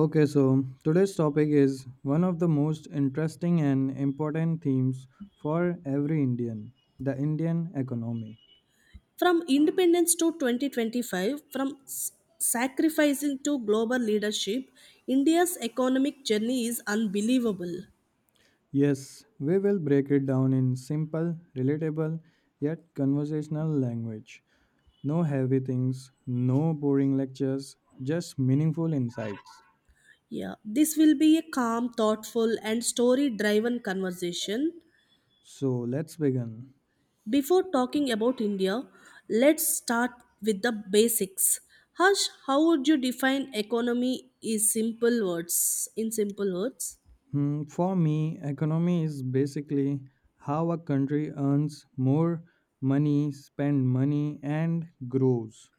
Okay, so today's topic is one of the most interesting and important themes for every Indian, the Indian economy. From independence to 2025, from sacrificing to global leadership, India's economic journey is unbelievable. Yes, we will break it down in simple, relatable, yet conversational language. No heavy things, no boring lectures, just meaningful insights. Yeah, this will be a calm, thoughtful, and story driven conversation. So let's begin. Before talking about India, let's start with the basics. Harsh, how would you define economy is simple words in simple words? Hmm, for me, economy is basically how a country earns more money, spend money, and grows.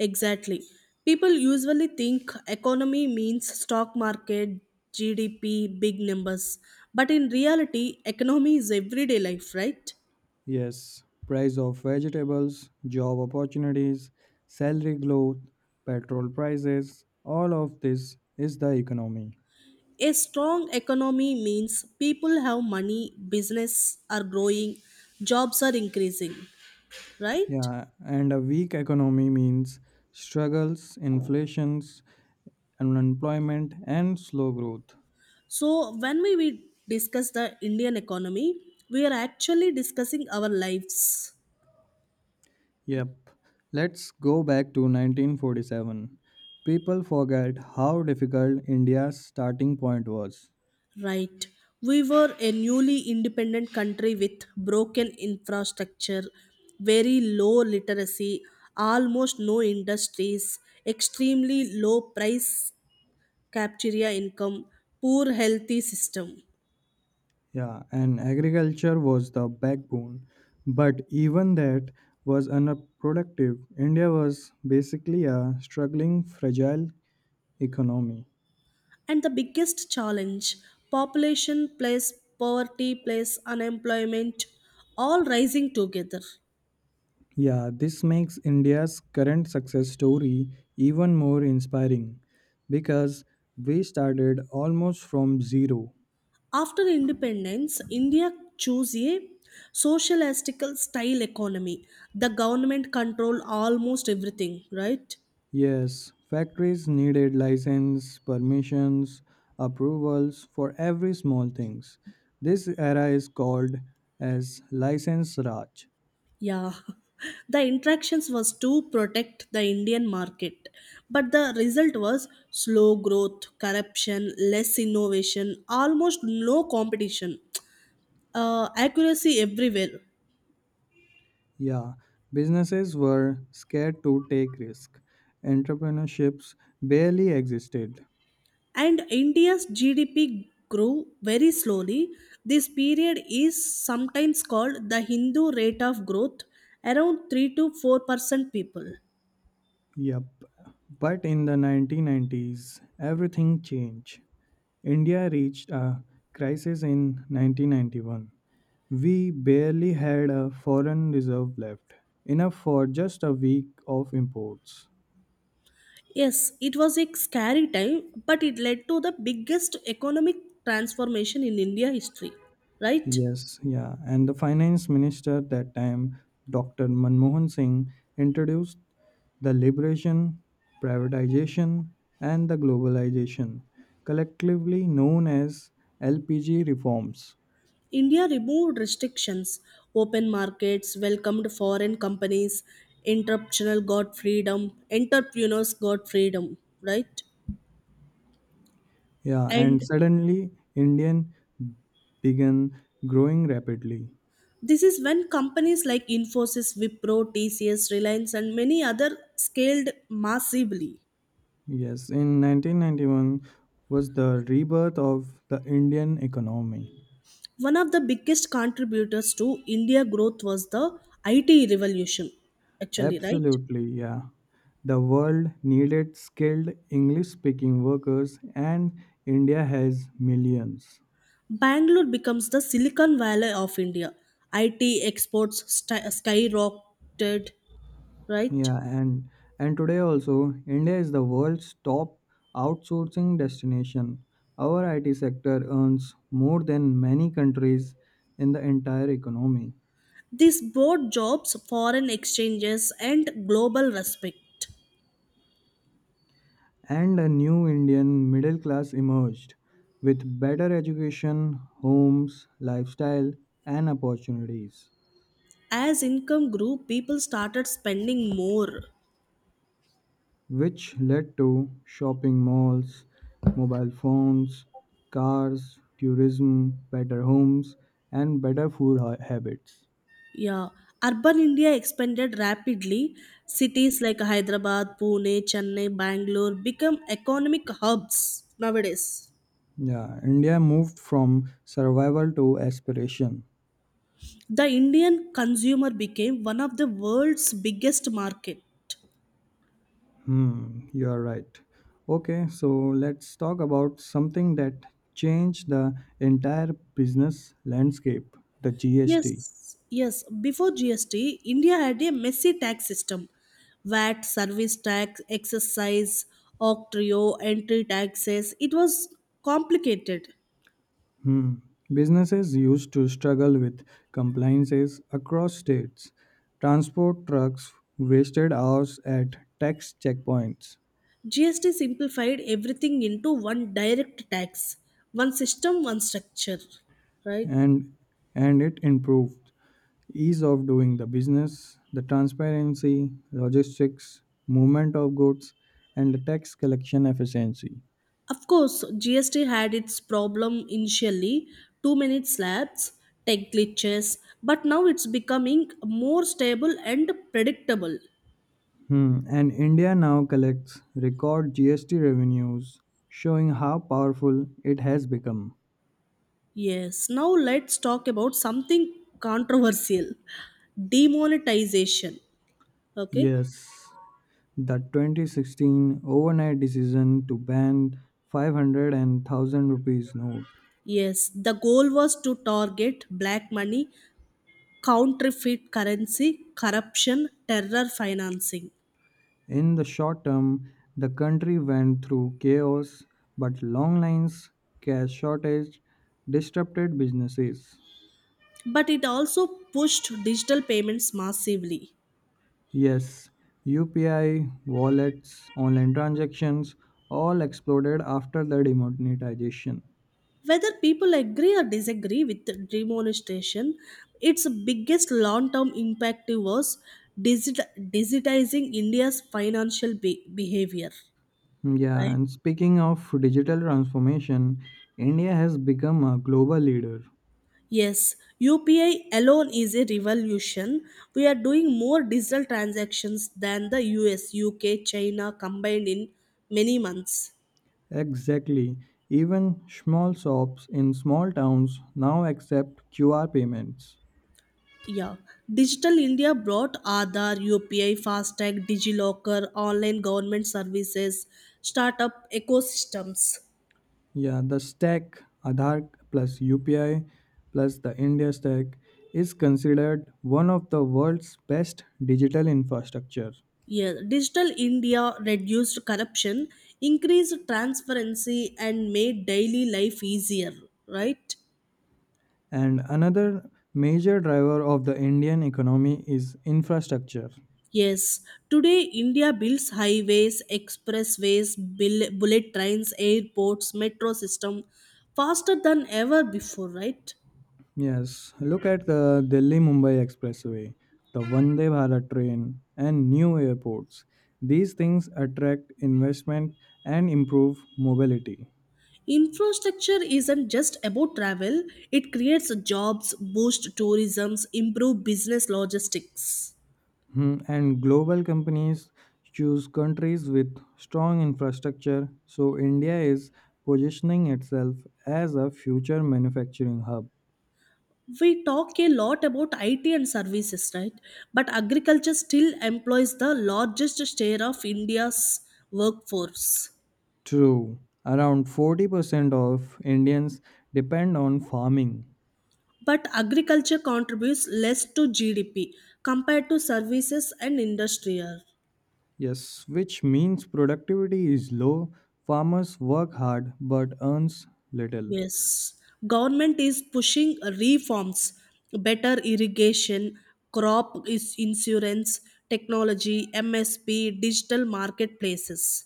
Exactly. People usually think economy means stock market, GDP, big numbers. But in reality, economy is everyday life, right? Yes, price of vegetables, job opportunities, salary growth, petrol prices, all of this is the economy. A strong economy means people have money, business are growing, jobs are increasing, right? Yeah, and a weak economy means struggles, inflations, unemployment and slow growth. So when we discuss the Indian economy, we are actually discussing our lives. Yep. Let's go back to 1947. People forget how difficult India's starting point was. Right. We were a newly independent country with broken infrastructure, very low literacy, almost no industries, extremely low price capturia income, poor healthy system. Yeah, and agriculture was the backbone. But even that was unproductive. India was basically a struggling, fragile economy. And the biggest challenge, population plus poverty plus unemployment, all rising together. Yeah, this makes India's current success story even more inspiring because we started almost from zero. After independence, India chose a socialistical style economy. The government controlled almost everything, right? Yes, factories needed license, permissions, approvals for every small things. This era is called as license raj. Yeah. The interactions was to protect the Indian market. But the result was slow growth, corruption, less innovation, almost no competition, accuracy everywhere. Yeah, businesses were scared to take risk. Entrepreneurships barely existed. And India's GDP grew very slowly. This period is sometimes called the Hindu rate of growth, around 3 to 4% people. Yep. But in the 1990s, everything changed. India reached a crisis in 1991. We barely had a foreign reserve left, enough for just a week of imports. Yes, it was a scary time, but it led to the biggest economic transformation in India history, right? Yes, yeah. And the finance minister at that time, Dr. Manmohan Singh, introduced the liberation, privatization, and the globalization, collectively known as LPG reforms. India removed restrictions, open markets, welcomed foreign companies, interruptional got freedom, entrepreneurs got freedom, right? Yeah, and And suddenly Indian began growing rapidly. this is when companies like Infosys, Wipro, TCS, Reliance, and many other scaled massively. Yes, in 1991 was the rebirth of the Indian economy. One of the biggest contributors to India growth was the IT revolution, actually, right? Absolutely, yeah. The world needed skilled English speaking workers and India has millions. Bangalore becomes the Silicon Valley of India. IT exports skyrocketed, right? Yeah, and today also India is the world's top outsourcing destination. Our IT sector earns more than many countries in the entire economy. This brought jobs, foreign exchanges, and global respect. And a new Indian middle class emerged with better education, homes, lifestyle, and opportunities, As income grew, people started spending more. which led to shopping malls, mobile phones, cars, tourism, better homes, and better food habits. Yeah, urban India expanded rapidly. Cities like Hyderabad, Pune, Chennai, Bangalore become economic hubs nowadays. Yeah, India moved from survival to aspiration. The Indian consumer became one of the world's biggest market. Hmm, you are right. Okay, so let's talk about something that changed the entire business landscape, the GST. Yes, yes. Before GST, India had a messy tax system. VAT, service tax, excise, octroi, entry taxes. It was complicated. Hmm. Businesses used to struggle with compliances across states. Transport trucks wasted hours at tax checkpoints. GST simplified everything into one direct tax, one system, one structure, right? And and it improved ease of doing the business, the transparency, logistics, movement of goods and the tax collection efficiency. Of course, GST had its problem initially, too many slabs, tech glitches, but now it's becoming more stable and predictable. Hmm. And India now collects record GST revenues, showing how powerful it has become. Yes, now let's talk about something controversial, demonetization. Okay, Yes, the 2016 overnight decision to ban 500 rupees note. yes, the goal was to target black money, counterfeit currency, corruption, terror financing. In the short term, the country went through chaos, but long lines, cash shortage disrupted businesses. But it also pushed digital payments massively. Yes, UPI, wallets, online transactions all exploded after the demonetization. Whether people agree or disagree with the demonetization, its biggest long term impact was digitizing India's financial behavior, Yeah, right? and speaking of digital transformation, India has become a global leader. Yes, UPI alone is a revolution. We are doing more digital transactions than the US, UK, China combined in many months. Exactly. Even small shops in small towns now accept QR payments. Yeah, Digital India brought Aadhaar, UPI, FASTag, DigiLocker, online government services, startup ecosystems. Yeah, the stack Aadhaar plus UPI plus the India stack is considered one of the world's best digital infrastructure. Yeah, Digital India reduced corruption, increased transparency, and made daily life easier, right? And another major driver of the Indian economy is infrastructure. Yes, today India builds highways, expressways, bullet trains, airports, metro system faster than ever before, right? Yes, look at the Delhi Mumbai Expressway, the Vande Bharat train, and new airports. These things attract investment and improve mobility. Infrastructure isn't just about travel, it creates jobs, boosts tourism, improves business logistics. Hmm, and global companies choose countries with strong infrastructure, so India is positioning itself as a future manufacturing hub. We talk a lot about IT and services, right? But agriculture still employs the largest share of India's workforce. True. Around 40% of Indians depend on farming. But agriculture contributes less to GDP compared to services and industrial. Yes, which means productivity is low, farmers work hard but earns little. Yes, government is pushing reforms, better irrigation, crop is insurance, technology, MSP, digital marketplaces.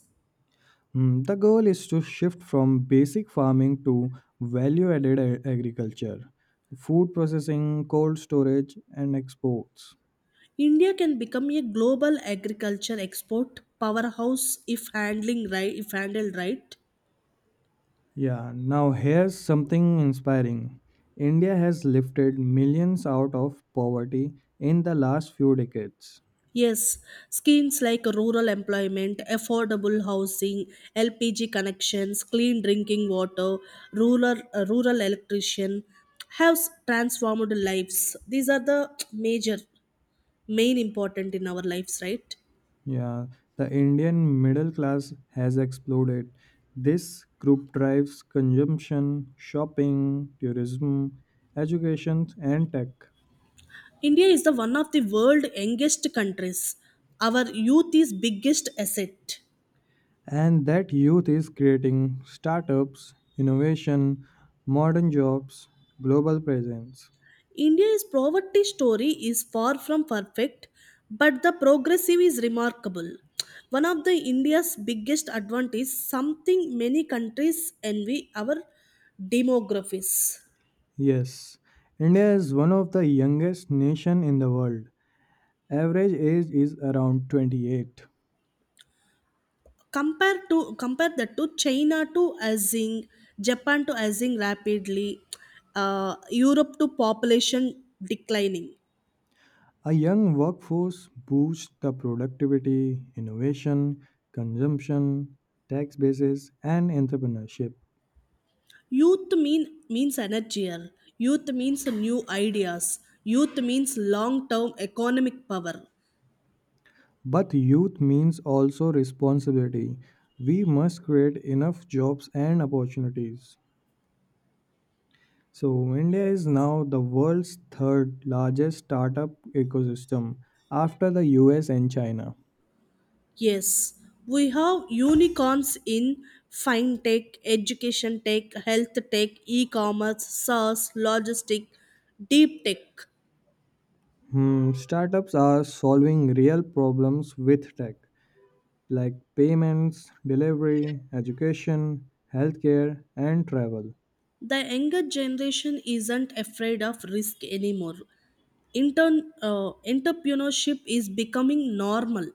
Hmm, the goal is to shift from basic farming to value-added agriculture, food processing, cold storage and exports. India can become a global agriculture export powerhouse if handling right, if handled right. Yeah, now here's something inspiring. India has lifted millions out of poverty in the last few decades. Yes, schemes like rural employment, affordable housing, LPG connections, clean drinking water, rural electrician have s- transformed lives. These are the major main important in our lives, right? Yeah, the Indian middle class has exploded. This group drives consumption, shopping, tourism, education, and tech. India is the one of the world youngest countries. Our youth is biggest asset. And that youth is creating startups, innovation, modern jobs, global presence. India's poverty story is far from perfect, but the progressive is remarkable. One of the India's biggest advantage, something many countries envy, our demographies. Yes, India is one of the youngest nation in the world. Average age is around 28. Compare to compare that to China to Azing, Japan to Azing rapidly, Europe to population declining. A young workforce boosts the productivity, innovation, consumption, tax bases, and entrepreneurship. Youth mean means energy. Youth means new ideas. Youth means long term economic power. But youth means also responsibility. We must create enough jobs and opportunities. So, India is now the world's third largest startup ecosystem after the US and China. Yes, we have unicorns in fintech, education tech, health tech, e-commerce, SaaS, logistic, deep tech. Hmm, startups are solving real problems with tech, like payments, delivery, education, healthcare, and travel. The younger generation isn't afraid of risk anymore. Entrepreneurship is becoming normal.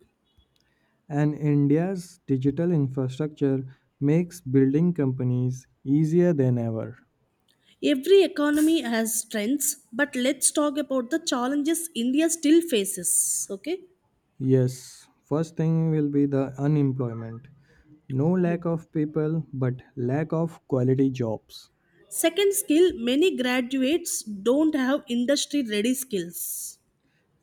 And India's digital infrastructure makes building companies easier than ever. Every economy has strengths, but let's talk about the challenges India still faces. Okay. Yes, first thing will be the unemployment. No lack of people, but lack of quality jobs. Second skill, many graduates don't have industry ready skills.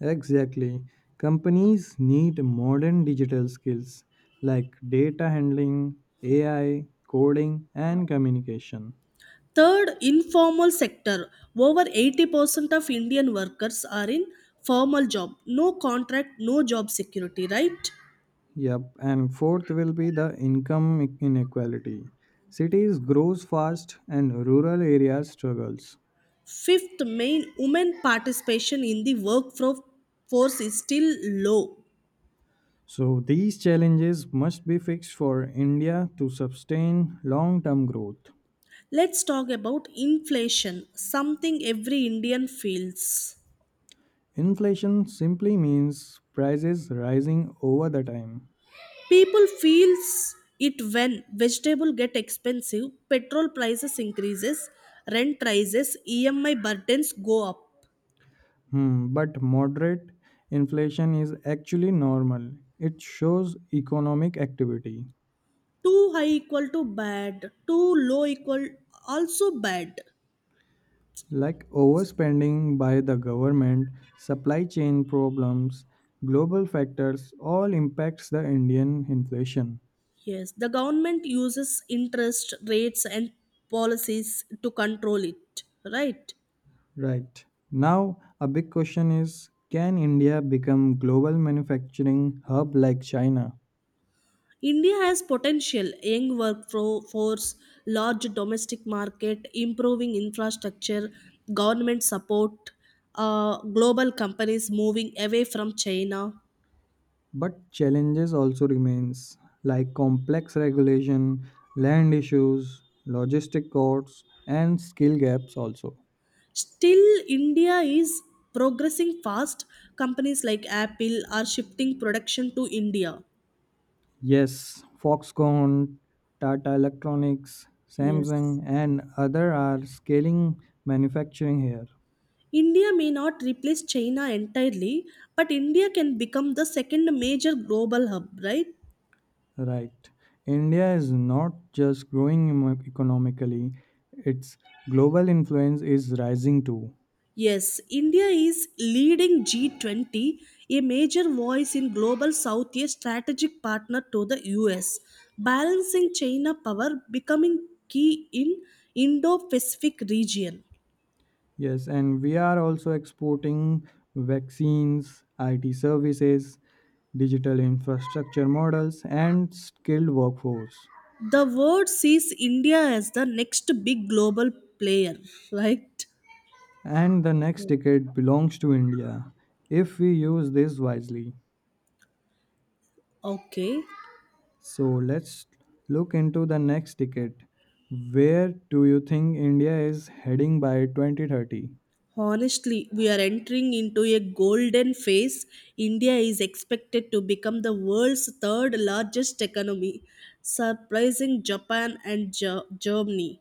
Exactly. Companies need modern digital skills like data handling, AI, coding, and communication. Third, informal sector. Over 80% of Indian workers are in formal job. No contract, no job security, right? Yep, and fourth will be the income inequality. Cities grows fast and rural areas struggles. Fifth, main women participation in the workforce is still low. So these challenges must be fixed for India to sustain long-term growth. Let's talk about inflation, something every Indian feels. Inflation simply means prices rising over the time. People feels it when vegetable get expensive, petrol prices increases, rent rises, EMI burdens go up. Hmm, but moderate inflation is actually normal. It shows economic activity. Too high equal to bad, too low equal also bad. Like overspending by the government, supply chain problems, global factors all impacts the Indian inflation. Yes, the government uses interest rates and policies to control it, right? Right. Now a big question is can India become global manufacturing hub like China? India has potential, young workforce, large domestic market, improving infrastructure, government support, global companies moving away from China. But challenges also remains like complex regulation, land issues, logistic costs and skill gaps also. Still, India is progressing fast. Companies like Apple are shifting production to India. Yes, Foxconn, Tata Electronics, Yes. Samsung, and other are scaling manufacturing here. India may not replace China entirely, but India can become the second major global hub, right? Right. India is not just growing economically, its global influence is rising too. Yes, India is leading G20, a major voice in global South, a strategic partner to the US, balancing China power becoming key in Indo-Pacific region. Yes, and we are also exporting vaccines, IT services, digital infrastructure models, and skilled workforce. The world sees India as the next big global player, right? And the next decade belongs to India if we use this wisely. Okay. So let's look into the next decade. Where do you think India is heading by 2030? Honestly, we are entering into a golden phase. India is expected to become the world's third largest economy, surprising Japan and Germany.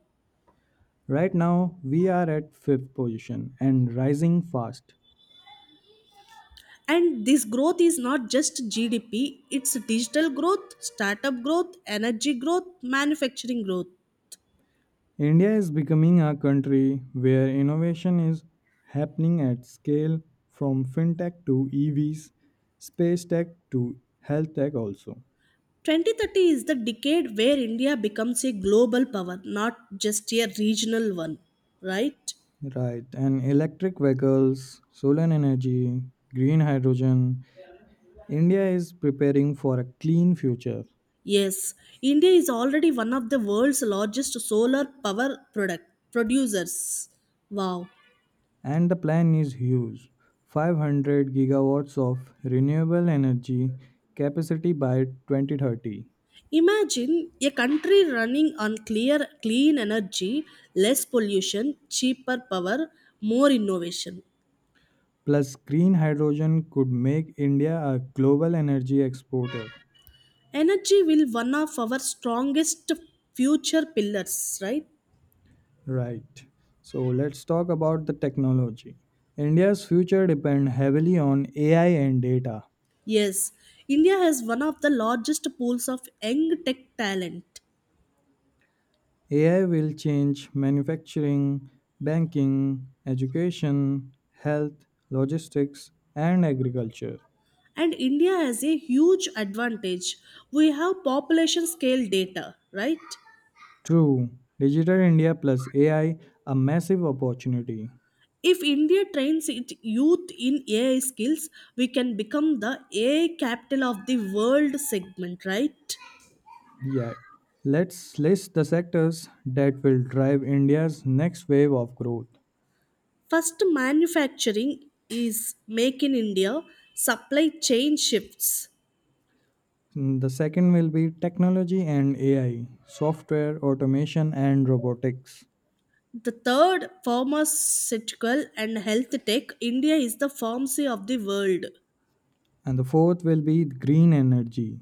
Right now, we are at fifth position and rising fast. And this growth is not just GDP, it's digital growth, startup growth, energy growth, manufacturing growth. India is becoming a country where innovation is happening at scale from fintech to EVs, space tech to health tech also. 2030 is the decade where India becomes a global power, not just a regional one, right? Right, and electric vehicles, solar energy, green hydrogen. India is preparing for a clean future, Yes, India is already one of the world's largest solar power product producers. Wow. and the plan is huge, 500 gigawatts of renewable energy capacity by 2030. Imagine a country running on clear clean energy, less pollution, cheaper power, more innovation. Plus, green hydrogen could make India a global energy exporter. Energy will one of our strongest future pillars, right? Right, so let's talk about the technology. India's future depends heavily on AI and data. Yes, India has one of the largest pools of young tech talent. AI will change manufacturing, banking, education, health, logistics, and agriculture. And India has a huge advantage. We have population scale data, right? True, Digital India plus AI, a massive opportunity. If India trains its youth in AI skills, we can become the AI capital of the world segment, right? Yeah. Let's list the sectors that will drive India's next wave of growth. First, manufacturing is make in india, supply chain shifts. Mm, the second will be technology and AI, software, automation, and robotics. The third, pharmaceutical and health tech, india is the pharmacy of the world. And the fourth will be green energy,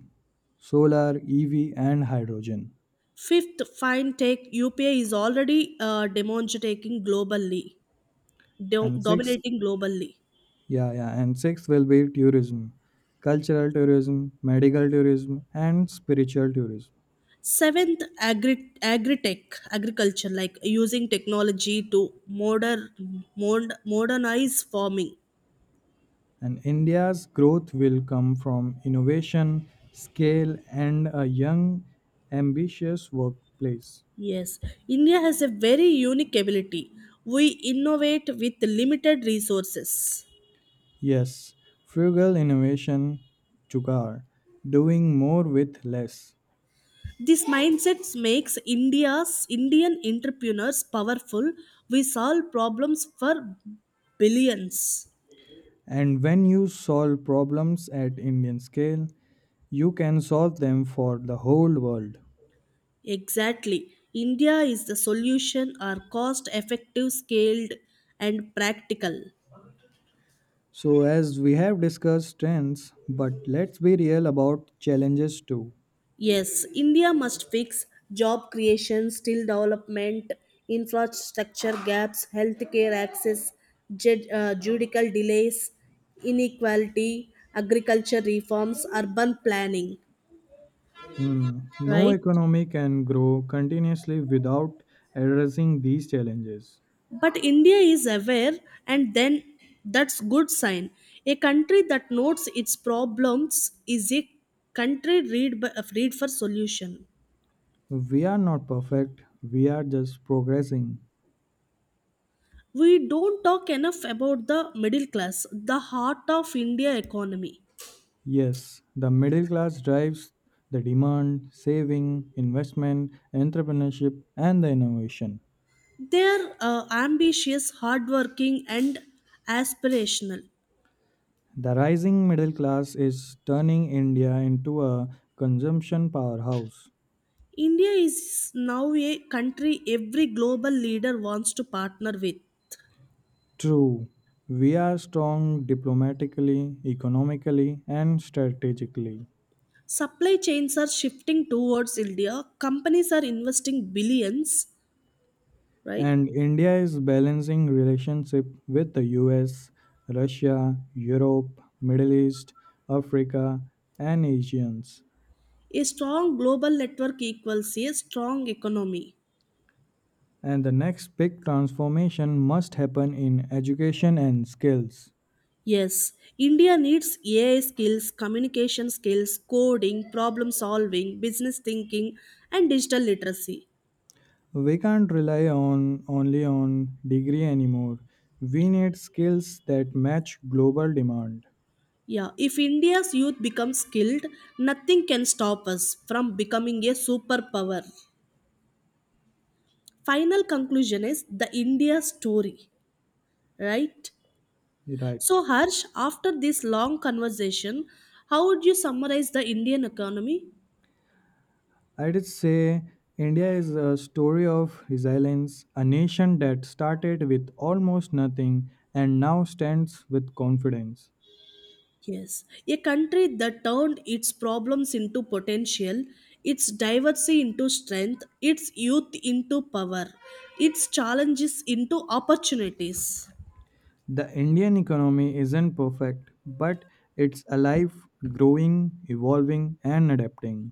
solar, EV, and hydrogen. Fifth, fintech UPI is already demonstrating globally, And sixth, dominating globally. Yeah, and sixth will be tourism, cultural tourism, medical tourism, and spiritual tourism. Seventh, agri-tech, agriculture, like using technology to modernize farming. And India's growth will come from innovation, scale, and a young, ambitious workplace. Yes, India has a very unique ability. We innovate with limited resources. Yes, frugal innovation, Chukar, doing more with less. This mindset makes India's Indian entrepreneurs powerful. We solve problems for billions. And when you solve problems at Indian scale, you can solve them for the whole world. Exactly. India is the solution are cost effective, scaled, and practical. So, as we have discussed strengths, but let's be real about challenges too. Yes, India must fix job creation, skill development, infrastructure gaps, healthcare access, judicial delays, inequality, agriculture reforms, urban planning, Hmm. No right? economy can grow continuously without addressing these challenges. But india is aware, and then that's good sign. A country that notes its problems is a country read for solution. We are not perfect, we are just progressing. We don't talk enough about the middle class, the heart of india economy. Yes, the middle class drives the demand, saving, investment, entrepreneurship, and the innovation. They are ambitious, hardworking, and aspirational. The rising middle class is turning India into a consumption powerhouse. India is now a country every global leader wants to partner with. True, we are strong diplomatically, economically, and strategically. Supply chains are shifting towards India. Companies are investing billions, right? And India is balancing relationship with the US, Russia, Europe, Middle East, Africa, and Asians. A strong global network equals a strong economy. And the next big transformation must happen in education and skills. Yes, India needs AI skills, communication skills, coding, problem solving, business thinking, and digital literacy. We can't rely on only on degree anymore. We need skills that match global demand. Yeah, if India's youth becomes skilled, nothing can stop us from becoming a superpower. Final conclusion is the India story, right? Right. So, Harsh, after this long conversation, how would you summarize the Indian economy? I would say India is a story of resilience, a nation that started with almost nothing and now stands with confidence. Yes, a country that turned its problems into potential, its diversity into strength, its youth into power, its challenges into opportunities. The Indian economy isn't perfect, but it's alive, growing, evolving, and adapting.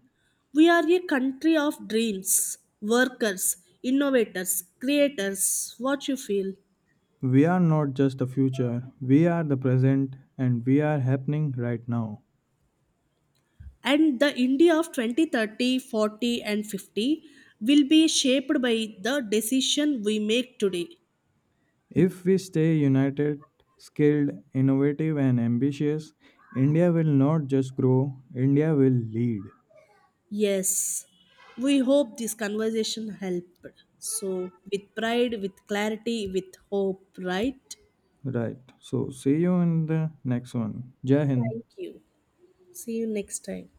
We are a country of dreams, workers, innovators, creators. What you feel? We are not just the future, we are the present, and we are happening right now. And the India of 2030, 40, and 50 will be shaped by the decision we make today. If we stay united, skilled, innovative, and ambitious, India will not just grow, India will lead. Yes, we hope this conversation helped. So, with pride, with clarity, with hope, right? Right. So see you in the next one. Jai Hind. Thank you. See you next time.